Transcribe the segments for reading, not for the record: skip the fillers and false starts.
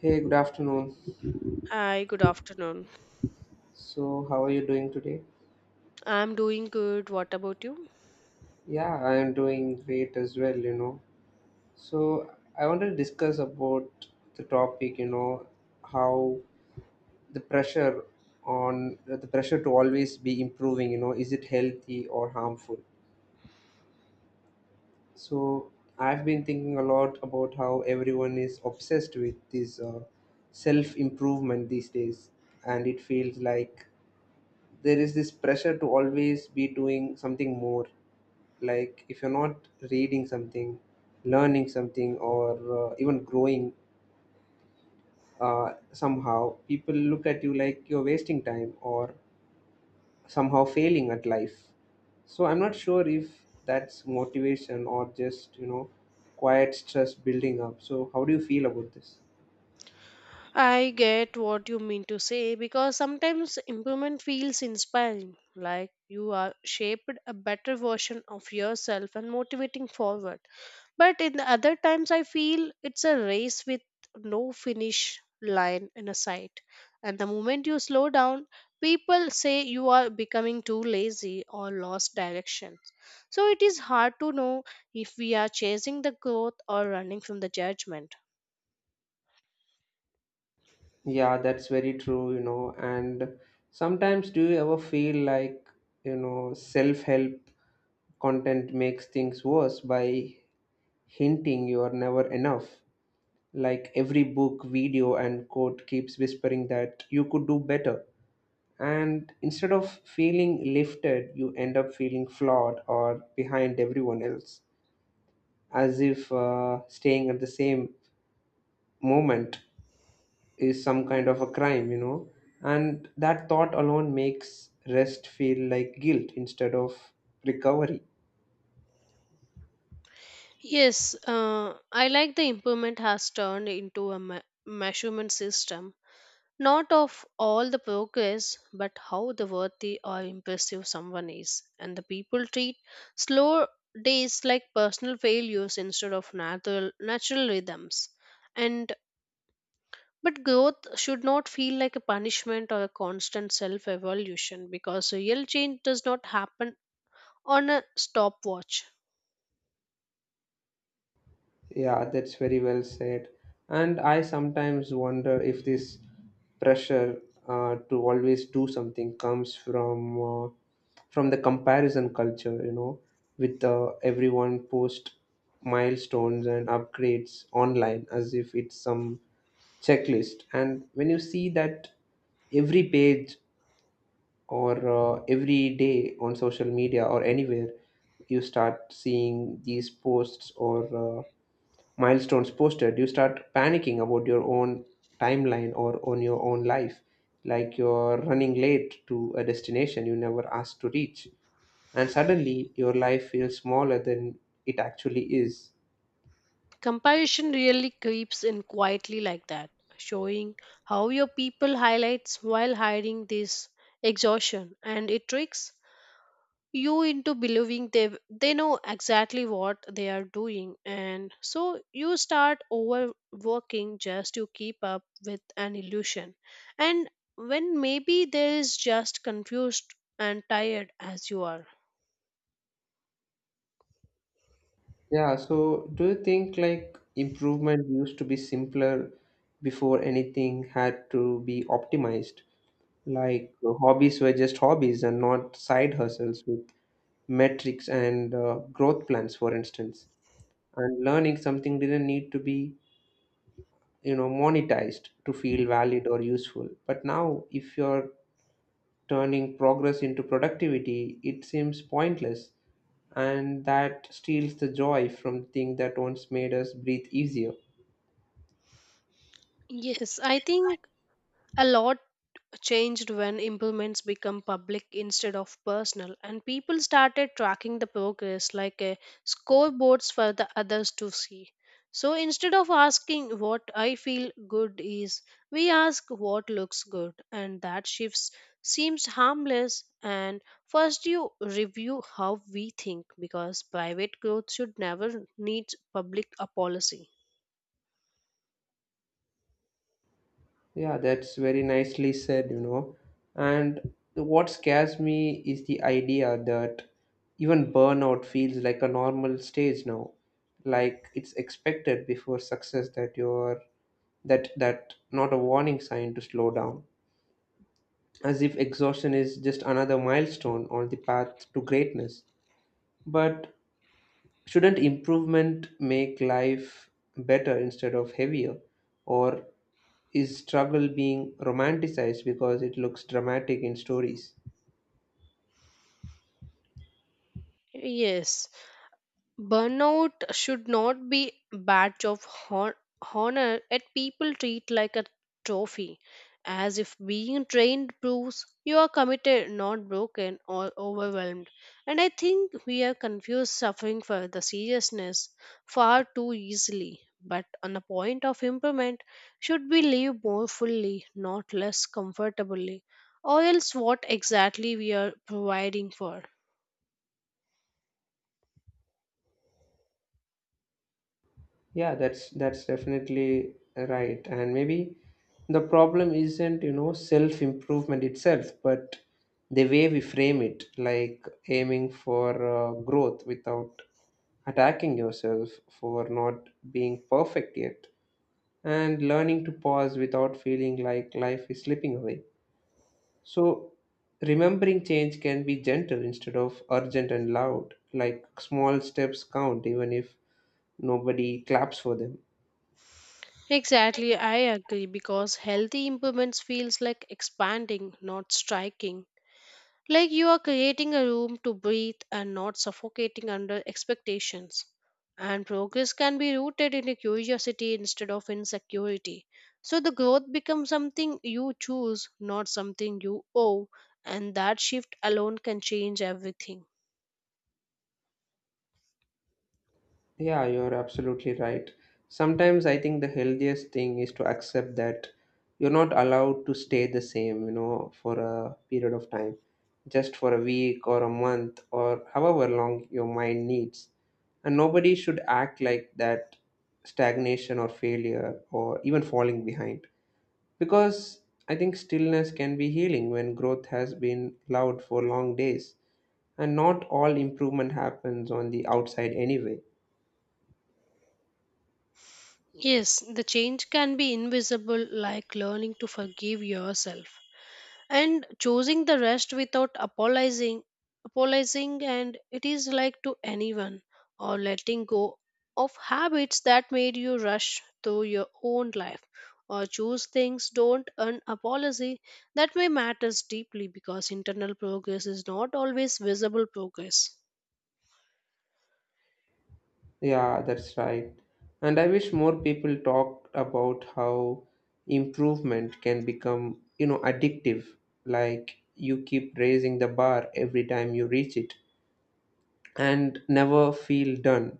Hey, good afternoon. Hi, good afternoon. So, how are you doing today? I'm doing good. What about you? Yeah, I am doing great as well, you know. So, I wanted to discuss about the topic, you know, how the pressure on the pressure to always be improving, you know, is it healthy or harmful? So, I've been thinking a lot about how everyone is obsessed with this self improvement these days, and it feels like there is this pressure to always be doing something more, like if you're not reading something, learning something, or even growing, somehow people look at you like you're wasting time or somehow failing at life. So I'm not sure if that's motivation or just, you know, quiet stress building up. So how do you feel about this? I get what you mean to say because sometimes improvement feels inspiring, like you are shaped a better version of yourself and motivating forward. But in the other times, I feel it's a race with no finish line in a sight. And the moment you slow down, people say you are becoming too lazy or lost direction. So it is hard to know if we are chasing the growth or running from the judgment. Yeah, that's very true, you know. And sometimes do you ever feel like, you know, self-help content makes things worse by hinting you are never enough. Like every book, video, and quote keeps whispering that you could do better. And instead of feeling lifted, you end up feeling flawed or behind everyone else, as if staying at the same moment is some kind of a crime, you know. And that thought alone makes rest feel like guilt instead of recovery. Yes, I like the improvement has turned into a measurement system not of all the progress, but how the worthy or impressive someone is. And the people treat slow days like personal failures instead of natural rhythms. And but growth should not feel like a punishment or a constant self evolution because real change does not happen on a stopwatch. Yeah, that's very well said. And I sometimes wonder if this pressure to always do something comes from the comparison culture, you know, with everyone post milestones and upgrades online as if it's some checklist. And when you see that every page or every day on social media or anywhere, you start seeing these posts or milestones posted, you start panicking about your own timeline or on your own life. Like you're running late to a destination you never asked to reach. And suddenly your life feels smaller than it actually is. Comparison really creeps in quietly like that, showing how your people highlights while hiding this exhaustion, and it tricks you into believing they know exactly what they are doing, and so you start overworking just to keep up with an illusion. And when maybe there is just confused and tired as you are. Yeah, so do you think like improvement used to be simpler before anything had to be optimized? Like hobbies were just hobbies and not side hustles with metrics and growth plans, for instance. And learning something didn't need to be, you know, monetized to feel valid or useful. But now if you're turning progress into productivity, it seems pointless, and that steals the joy from the thing that once made us breathe easier. Yes, I think a lot changed when implements become public instead of personal, and people started tracking the progress like a scoreboards for the others to see. So instead of asking what I feel good is, we ask what looks good, and that shifts seems harmless. And first you review how we think, because private growth should never need public apology. Yeah, that's very nicely said, you know. And what scares me is the idea that even burnout feels like a normal stage now, like it's expected before success, that you're that not a warning sign to slow down, as if exhaustion is just another milestone on the path to greatness. But shouldn't improvement make life better instead of heavier, or is struggle being romanticized because it looks dramatic in stories? Yes. Burnout should not be badge of honor at people treat like a trophy, as if being trained proves you are committed, not broken or overwhelmed. And I think we have confused suffering for the seriousness far too easily. But on the point of improvement, should we live more fully, not less comfortably, or else what exactly we are providing for? Yeah, that's definitely right. And maybe the problem isn't, you know, self-improvement itself, but the way we frame it, like aiming for growth without attacking yourself for not being perfect yet, and learning to pause without feeling like life is slipping away. So, remembering change can be gentle instead of urgent and loud, like small steps count even if nobody claps for them. Exactly, I agree because healthy improvements feels like expanding, not striking. Like you are creating a room to breathe and not suffocating under expectations. And progress can be rooted in a curiosity instead of insecurity. So the growth becomes something you choose, not something you owe, and that shift alone can change everything. Yeah, you're absolutely right. Sometimes I think the healthiest thing is to accept that you're not allowed to stay the same, you know, for a period of time, just for a week or a month or however long your mind needs. And nobody should act like that stagnation or failure or even falling behind. Because I think stillness can be healing when growth has been loud for long days. And not all improvement happens on the outside anyway. Yes, the change can be invisible, like learning to forgive yourself and choosing the rest without apologizing and it is like to anyone, or letting go of habits that made you rush through your own life, or choose things don't earn apology that may matters deeply, because internal progress is not always visible progress. Yeah, that's right. And I wish more people talked about how improvement can become, you know, addictive. Like you keep raising the bar every time you reach it and never feel done.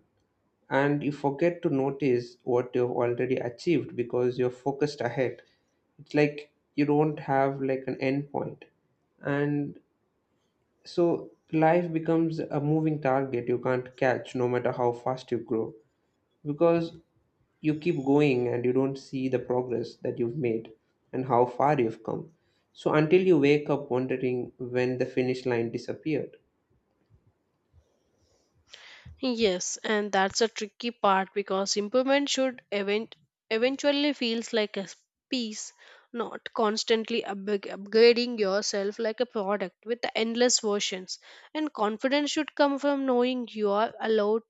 And you forget to notice what you've already achieved because you're focused ahead. It's like you don't have like an end point. And so life becomes a moving target you can't catch no matter how fast you grow, because you keep going and you don't see the progress that you've made and how far you've come. So until you wake up wondering when the finish line disappeared. Yes, and that's a tricky part because improvement should eventually feels like a piece, not constantly upgrading yourself like a product with the endless versions. And confidence should come from knowing you are allowed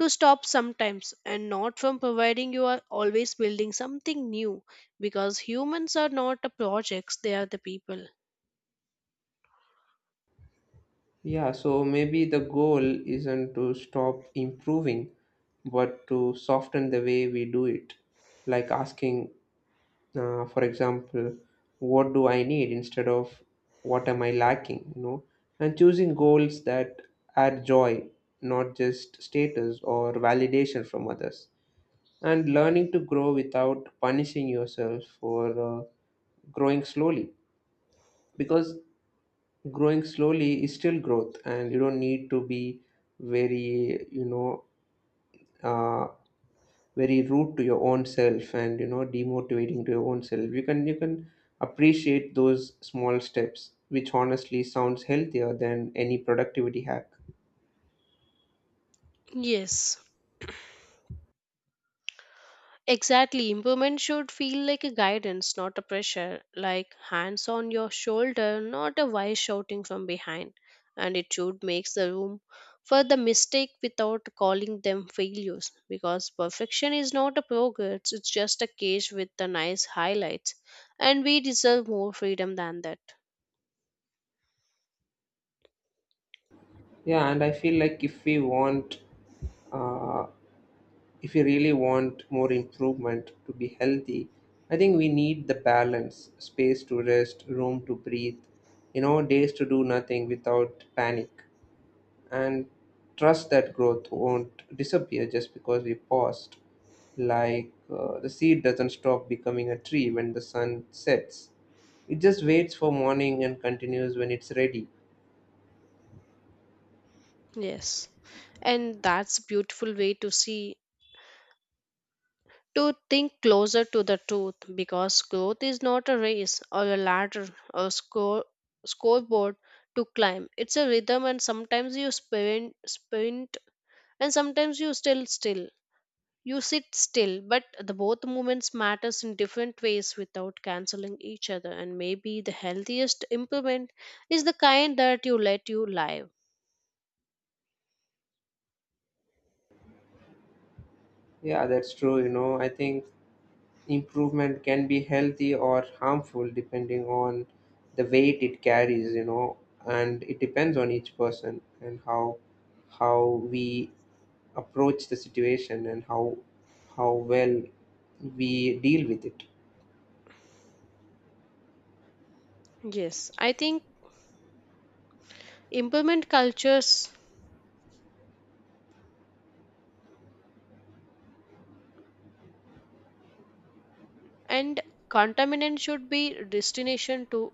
to stop sometimes and not from providing you are always building something new, because humans are not the projects, they are the people. Yeah, so maybe the goal isn't to stop improving, but to soften the way we do it, like asking, for example, what do I need instead of what am I lacking, you know, and choosing goals that add joy, not just status or validation from others, and learning to grow without punishing yourself for growing slowly. Because growing slowly is still growth, and you don't need to be very, you know, uh, very rude to your own self and, you know, demotivating to your own self. You can appreciate those small steps, which honestly sounds healthier than any productivity hack. Yes. Exactly. Improvement should feel like a guidance, not a pressure, like hands on your shoulder, not a wise shouting from behind. And it should make the room for the mistake without calling them failures, because perfection is not a progress, it's just a cage with the nice highlights. And we deserve more freedom than that. Yeah, and I feel like if we want, uh, if we really want more improvement to be healthy, I think we need the balance, space to rest, room to breathe, you know, days to do nothing without panic, and trust that growth won't disappear just because we paused. Like the seed doesn't stop becoming a tree when the sun sets, it just waits for morning and continues when it's ready. Yes. And that's a beautiful way to see to think closer to the truth, because growth is not a race or a ladder or scoreboard to climb. It's a rhythm, and sometimes you sprint and sometimes you still you sit still, but the both movements matters in different ways without canceling each other. And maybe the healthiest implement is the kind that you let you live. Yeah, that's true. You know, I think improvement can be healthy or harmful depending on the weight it carries, you know, and it depends on each person and how we approach the situation and how well we deal with it. Yes, I think implement cultures and contaminant should be destination to,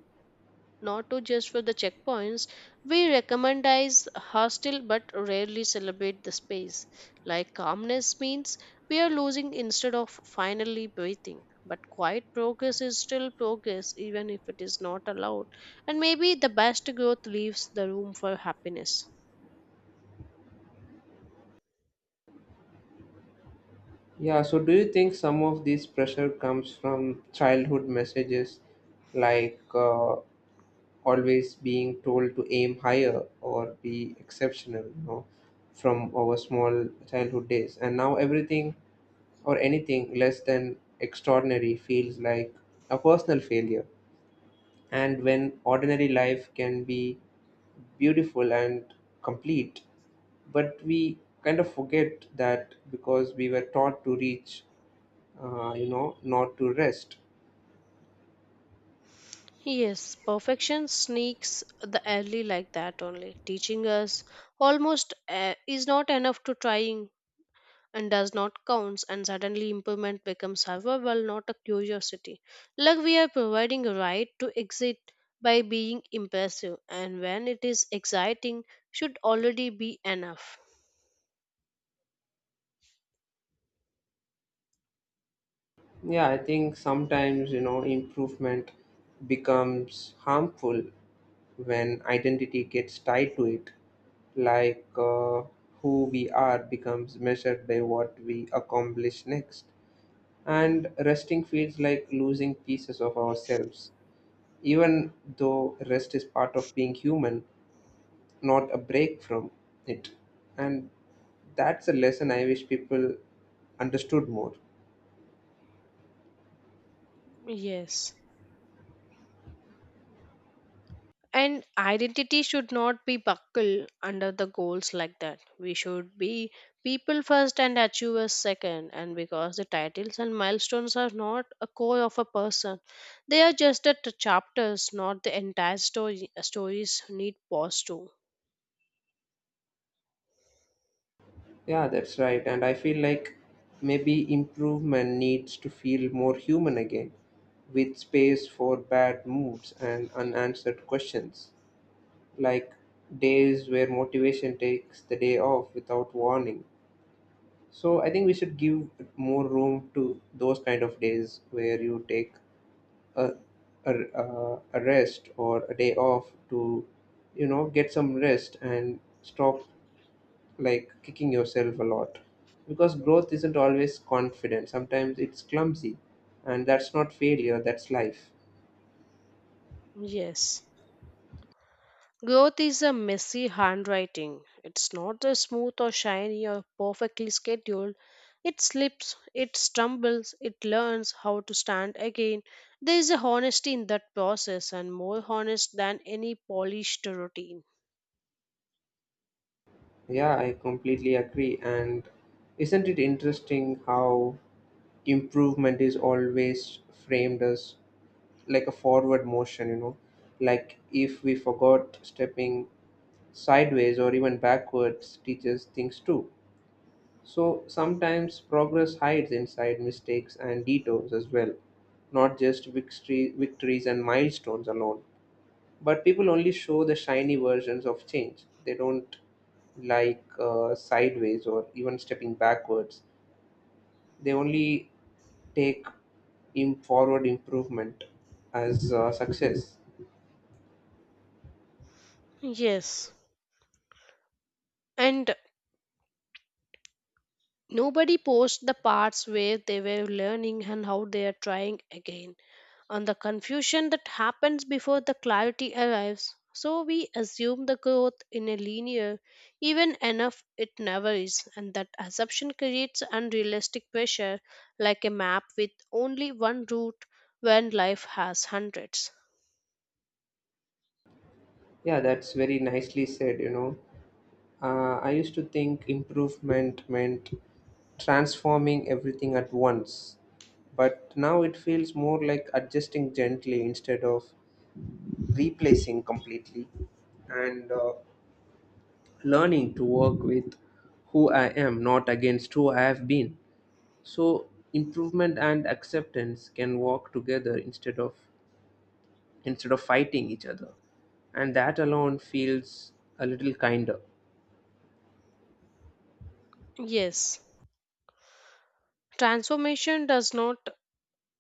not to just for the checkpoints. We recommendize hostile but rarely celebrate the space. Like calmness means we are losing instead of finally breathing. But quiet progress is still progress, even if it is not allowed. And maybe the best growth leaves the room for happiness. Yeah, so do you think some of this pressure comes from childhood messages like always being told to aim higher or be exceptional, you know, from our small childhood days? And now everything or anything less than extraordinary feels like a personal failure. And when ordinary life can be beautiful and complete, but we kind of forget that because we were taught to reach, you know, not to rest. Yes, perfection sneaks the early like that only, teaching us almost is not enough to trying and does not count, and suddenly improvement becomes survival not a curiosity, like we are providing a right to exit by being impressive, and when it is exciting should already be enough. Yeah, I think sometimes, you know, improvement becomes harmful when identity gets tied to it, like who we are becomes measured by what we accomplish next, and resting feels like losing pieces of ourselves, even though rest is part of being human, not a break from it. And that's a lesson I wish people understood more. Yes. And identity should not be buckled under the goals like that. We should be people first and achievers second. And because the titles and milestones are not a core of a person, they are just the chapters, not the entire story. Stories need pause too. Yeah, that's right. And I feel like maybe improvement needs to feel more human again, with space for bad moods and unanswered questions, like days where motivation takes the day off without warning. So I think we should give more room to those kind of days where you take a, a rest or a day off to, you know, get some rest and stop like kicking yourself a lot, because growth isn't always confident, sometimes it's clumsy, and that's not failure, that's life. Yes. Growth is a messy handwriting. It's not the smooth or shiny or perfectly scheduled. It slips, it stumbles, it learns how to stand again. There is a honesty in that process and more honest than any polished routine. Yeah, I completely agree. And isn't it interesting how improvement is always framed as like a forward motion, you know, like if we forgot stepping sideways or even backwards teaches things too. So sometimes progress hides inside mistakes and detours as well, not just victories and milestones alone. But people only show the shiny versions of change. They don't, like, sideways or even stepping backwards. They only take in forward improvement as success. Yes. And nobody posts the parts where they were learning and how they are trying again, and the confusion that happens before the clarity arrives. So we assume the growth in a linear, even enough it never is, and that assumption creates unrealistic pressure, like a map with only one route when life has hundreds. Yeah, that's very nicely said. You know, I used to think improvement meant transforming everything at once. But now it feels more like adjusting gently instead of replacing completely, and learning to work with who I am, not against who I have been. So improvement and acceptance can walk together instead of fighting each other, and that alone feels a little kinder. Yes, transformation does not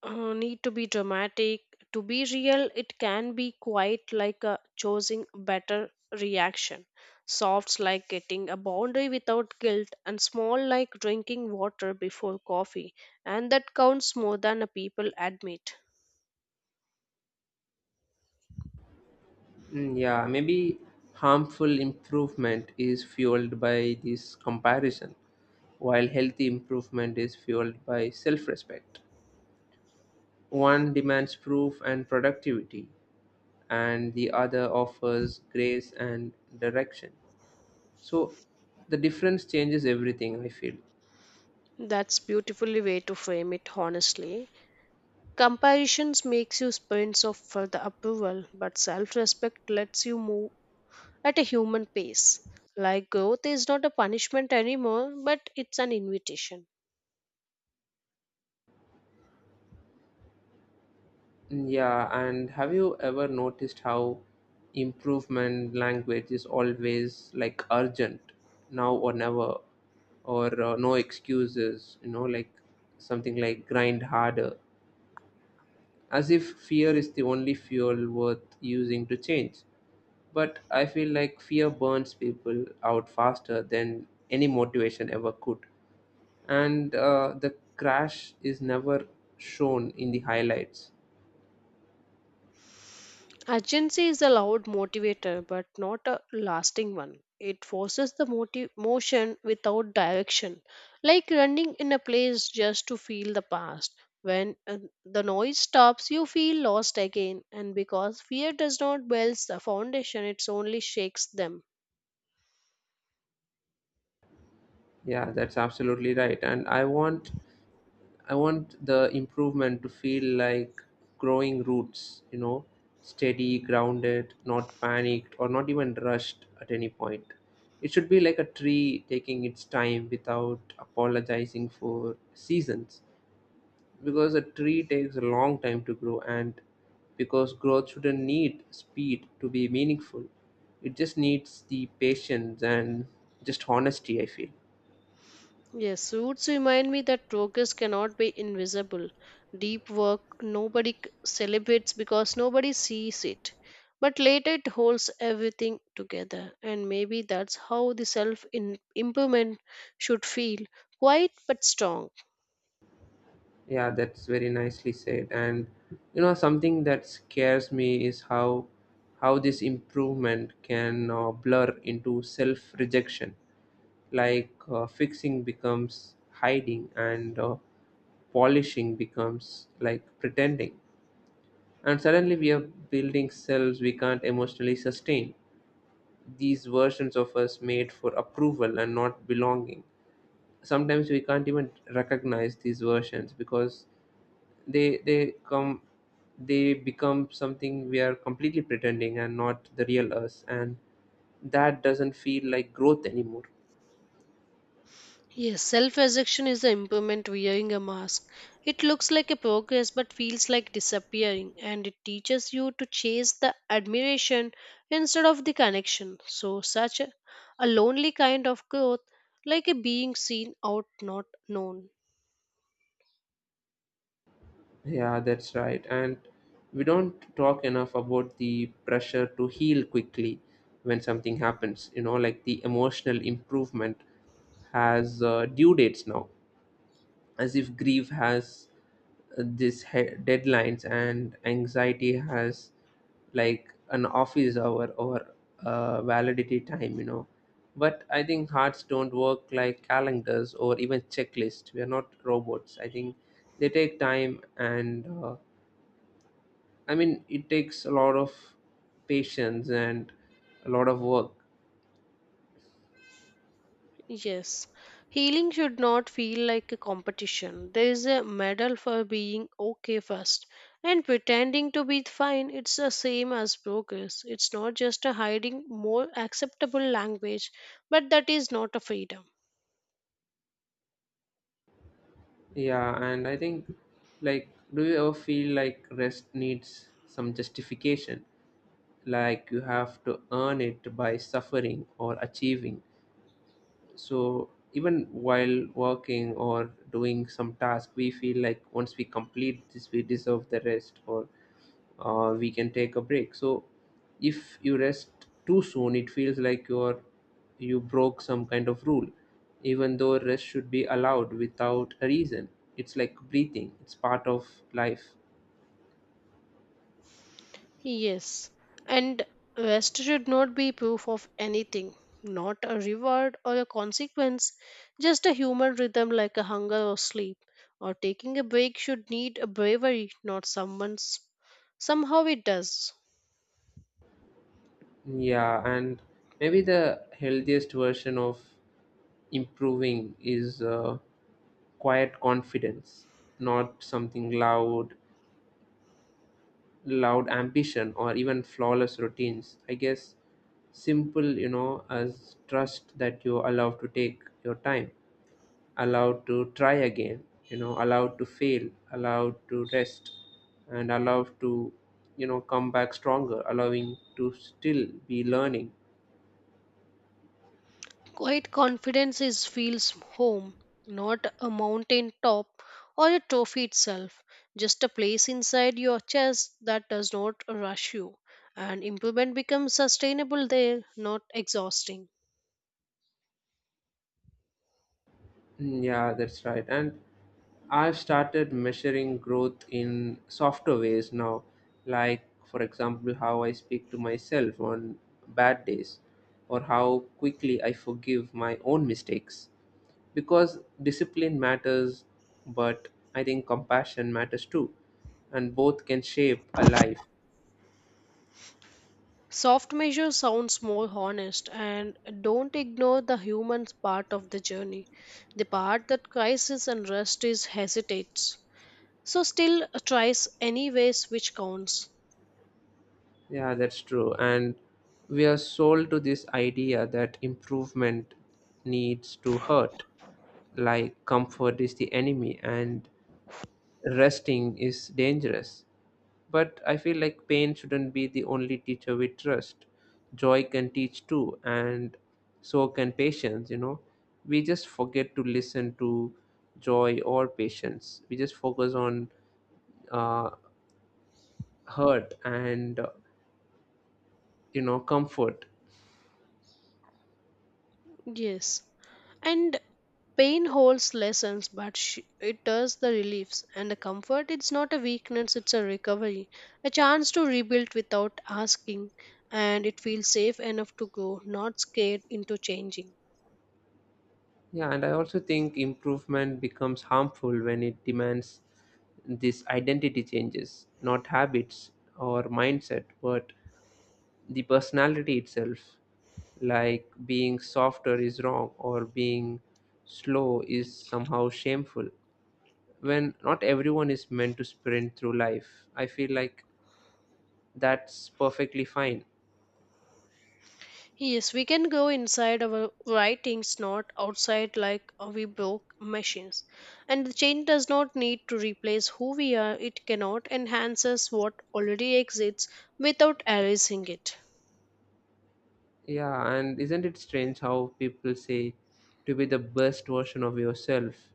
uh, need to be dramatic. To be real, it can be quite like a choosing better reaction. Softs like getting a boundary without guilt, and small like drinking water before coffee. And that counts more than a people admit. Mm, yeah, maybe harmful improvement is fueled by this comparison, while healthy improvement is fueled by self respect. One demands proof and productivity, and the other offers grace and direction. So the difference changes everything, I feel. That's beautifully way to frame it honestly. Comparisons makes you sprints off for the approval, but self-respect lets you move at a human pace. Like growth is not a punishment anymore, but it's an invitation. Yeah, and have you ever noticed how improvement language is always like urgent, now or never, or no excuses, you know, like something like grind harder, as if fear is the only fuel worth using to change. But I feel like fear burns people out faster than any motivation ever could. And the crash is never shown in the highlights. Urgency is a loud motivator, but not a lasting one. It forces the motive, motion without direction, like running in a place just to feel the past. When the noise stops, you feel lost again, and because fear does not build the foundation, it only shakes them. Yeah, that's absolutely right. And I want the improvement to feel like growing roots, you know, steady, grounded, not panicked or not even rushed at any point. It should be like a tree taking its time without apologizing for seasons, because a tree takes a long time to grow, and because growth shouldn't need speed to be meaningful. It just needs the patience and just honesty, I feel. Yes, suits remind me that progress cannot be invisible. Deep work nobody celebrates because nobody sees it. But later it holds everything together, and maybe that's how the self improvement should feel quiet but strong. Yeah, that's very nicely said. And you know, something that scares me is how this improvement can blur into self-rejection. Like fixing becomes hiding, and polishing becomes like pretending. And suddenly, we are building selves we can't emotionally sustain. These versions of us made for approval and not belonging. Sometimes we can't even recognize these versions because they come they become something we are completely pretending and not the real us, and that doesn't feel like growth anymore. Yes, self rejection is the improvement wearing a mask. It looks like a progress but feels like disappearing, and it teaches you to chase the admiration instead of the connection. So, such a lonely kind of growth, like a being seen out, not known. Yeah, that's right. And we don't talk enough about the pressure to heal quickly when something happens, you know, like the emotional improvement has due dates now, as if grief has deadlines and anxiety has like an office hour or validity time. But I think hearts don't work like calendars or even checklists. We are not robots, I think. They take time and, I mean, it takes a lot of patience and a lot of work. Yes, healing should not feel like a competition. There is a medal for being okay first, and pretending to be fine, it's the same as progress. It's not just a hiding more acceptable language, but that is not a freedom. Yeah, and I think, like do you ever feel like rest needs some justification, like you have to earn it by suffering or achieving. So even while working or doing some task, we feel like once we complete this, we deserve the rest, or we can take a break. So if you rest too soon, it feels like you broke some kind of rule, even though rest should be allowed without a reason. It's like breathing; it's part of life. Yes, and rest should not be proof of anything, not a reward or a consequence, just a human rhythm like a hunger or sleep. Or taking a break should need a bravery, not someone's. Somehow it does. Yeah, and maybe the healthiest version of improving is quiet confidence, not something loud, loud ambition, or even flawless routines. I guess simple, you know, as trust that you're allowed to take your time, allowed to try again, you know, allowed to fail, allowed to rest, and allowed to, you know, come back stronger, allowing to still be learning. Quiet confidence is feels home, not a mountain top or a trophy itself, just a place inside your chest that does not rush you. And improvement becomes sustainable there, not exhausting. Mm, yeah, that's right. And I've started measuring growth in softer ways now, like, for example, how I speak to myself on bad days or how quickly I forgive my own mistakes. Because discipline matters, but I think compassion matters too, and both can shape a life. Soft measures sounds more honest and don't ignore the human part of the journey. The part that crisis and rest is hesitates. So still tries anyways which counts. Yeah, that's true. And we are sold to this idea that improvement needs to hurt, like comfort is the enemy and resting is dangerous. But I feel like pain shouldn't be the only teacher we trust. Joy can teach too, and so can patience, you know. We just forget to listen to joy or patience. We just focus on uh, hurt and, you know, comfort. Yes. And pain holds lessons, but it does the reliefs and the comfort. It's not a weakness, it's a recovery, a chance to rebuild without asking, and it feels safe enough to grow, not scared into changing. Yeah, and I also think improvement becomes harmful when it demands this identity changes, not habits or mindset, but the personality itself. Like being softer is wrong, or being slow is somehow shameful. When not everyone is meant to sprint through life, I feel like that's perfectly fine. Yes, we can go inside our writings, not outside like we broke machines. And the change does not need to replace who we are, it cannot enhance us what already exists without erasing it. Yeah, and isn't it strange how people say to be the best version of yourself,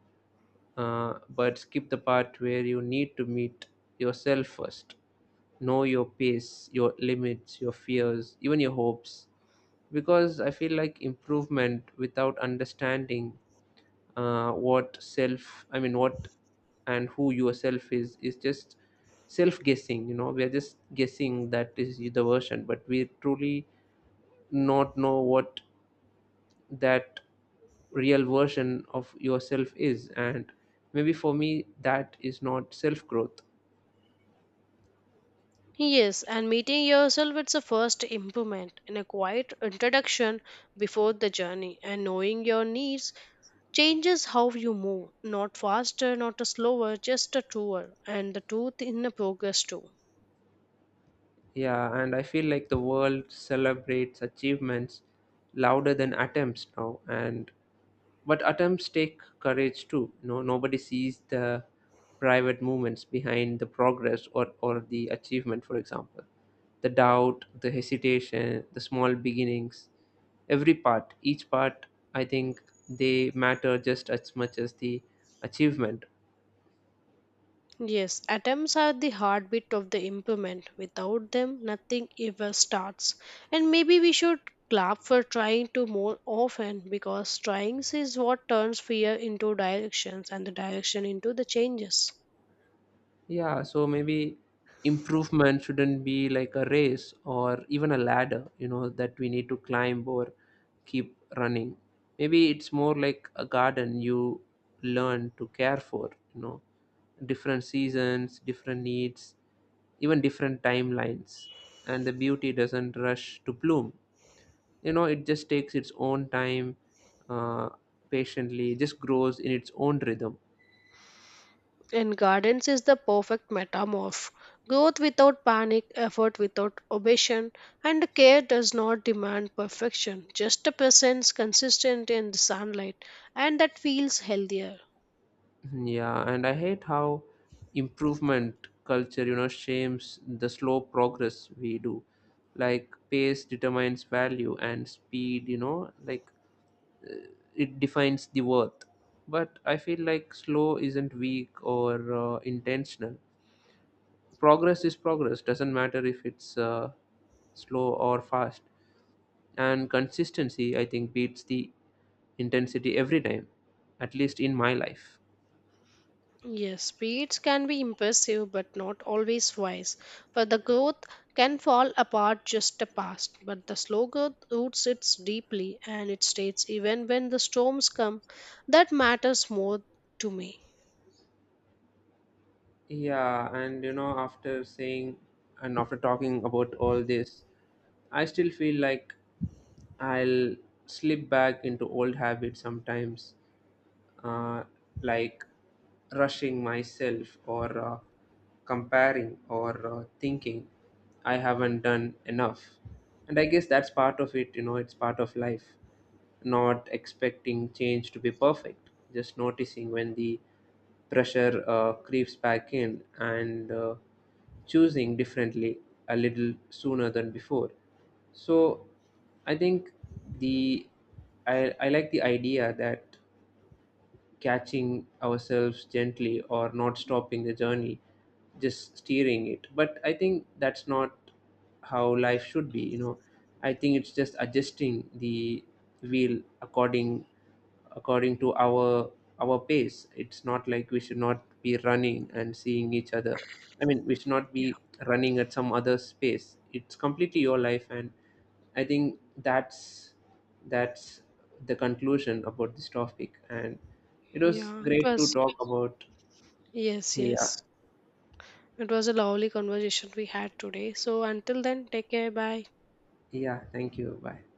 but skip the part where you need to meet yourself first. Know your pace, your limits, your fears, even your hopes. Because I feel like improvement without understanding I mean, what and who yourself is just self guessing. You know, we are just guessing that is the version, but we truly not know what that real version of yourself is, and maybe for me that is not self growth. Yes, and meeting yourself it's a first improvement in a quiet introduction before the journey, and knowing your needs changes how you move, not faster, not a slower, just a truer and the truth in the progress too. Yeah, and I feel like the world celebrates achievements louder than attempts now, and but attempts take courage too. No, nobody sees the private movements behind the progress or the achievement. For example, the doubt, the hesitation, the small beginnings, every part, each part, I think they matter just as much as the achievement. Yes, atoms are the heartbeat of the implement. Without them, nothing ever starts. And maybe we should clap for trying to more often, because trying is what turns fear into directions and the direction into the changes. Yeah, so maybe improvement shouldn't be like a race or even a ladder, you know, that we need to climb or keep running. Maybe it's more like a garden you learn to care for, you know, different seasons, different needs, even different timelines. And the beauty doesn't rush to bloom. You know, it just takes its own time, uh, patiently, just grows in its own rhythm. And gardens is the perfect metamorph. Growth without panic, effort without obsession, and care does not demand perfection, just a presence consistent in the sunlight, and that feels healthier. Yeah, and I hate how improvement culture, you know, shames the slow progress we do. Like pace determines value and speed, you know, like it defines the worth. But I feel like slow isn't weak or intentional. Progress is progress, doesn't matter if it's slow or fast. And consistency, I think, beats the intensity every time, at least in my life. Yes, speeds can be impressive but not always wise, for the growth can fall apart just a past, but the slow growth roots it deeply and it states even when the storms come. That matters more to me. Yeah, and you know, after saying and after talking about all this, I still feel like I'll slip back into old habits sometimes, uh, like rushing myself, or comparing, or thinking I haven't done enough. And I guess that's part of it, you know, it's part of life. Not expecting change to be perfect, just noticing when the pressure creeps back in, and choosing differently a little sooner than before. So I think the I like the idea that catching ourselves gently or not stopping the journey, just steering it. But I think that's not how life should be, you know. I think it's just adjusting the wheel according to our pace. It's not like we should not be running and seeing each other. I mean, we should not Yeah. be running at some other space. It's completely your life. And I think that's the conclusion about this topic, and it was Yeah, it great to was. talk about. Yes, Yeah, yes. It was a lovely conversation we had today. So until then, take care. Bye. yeah. Thank you. Bye.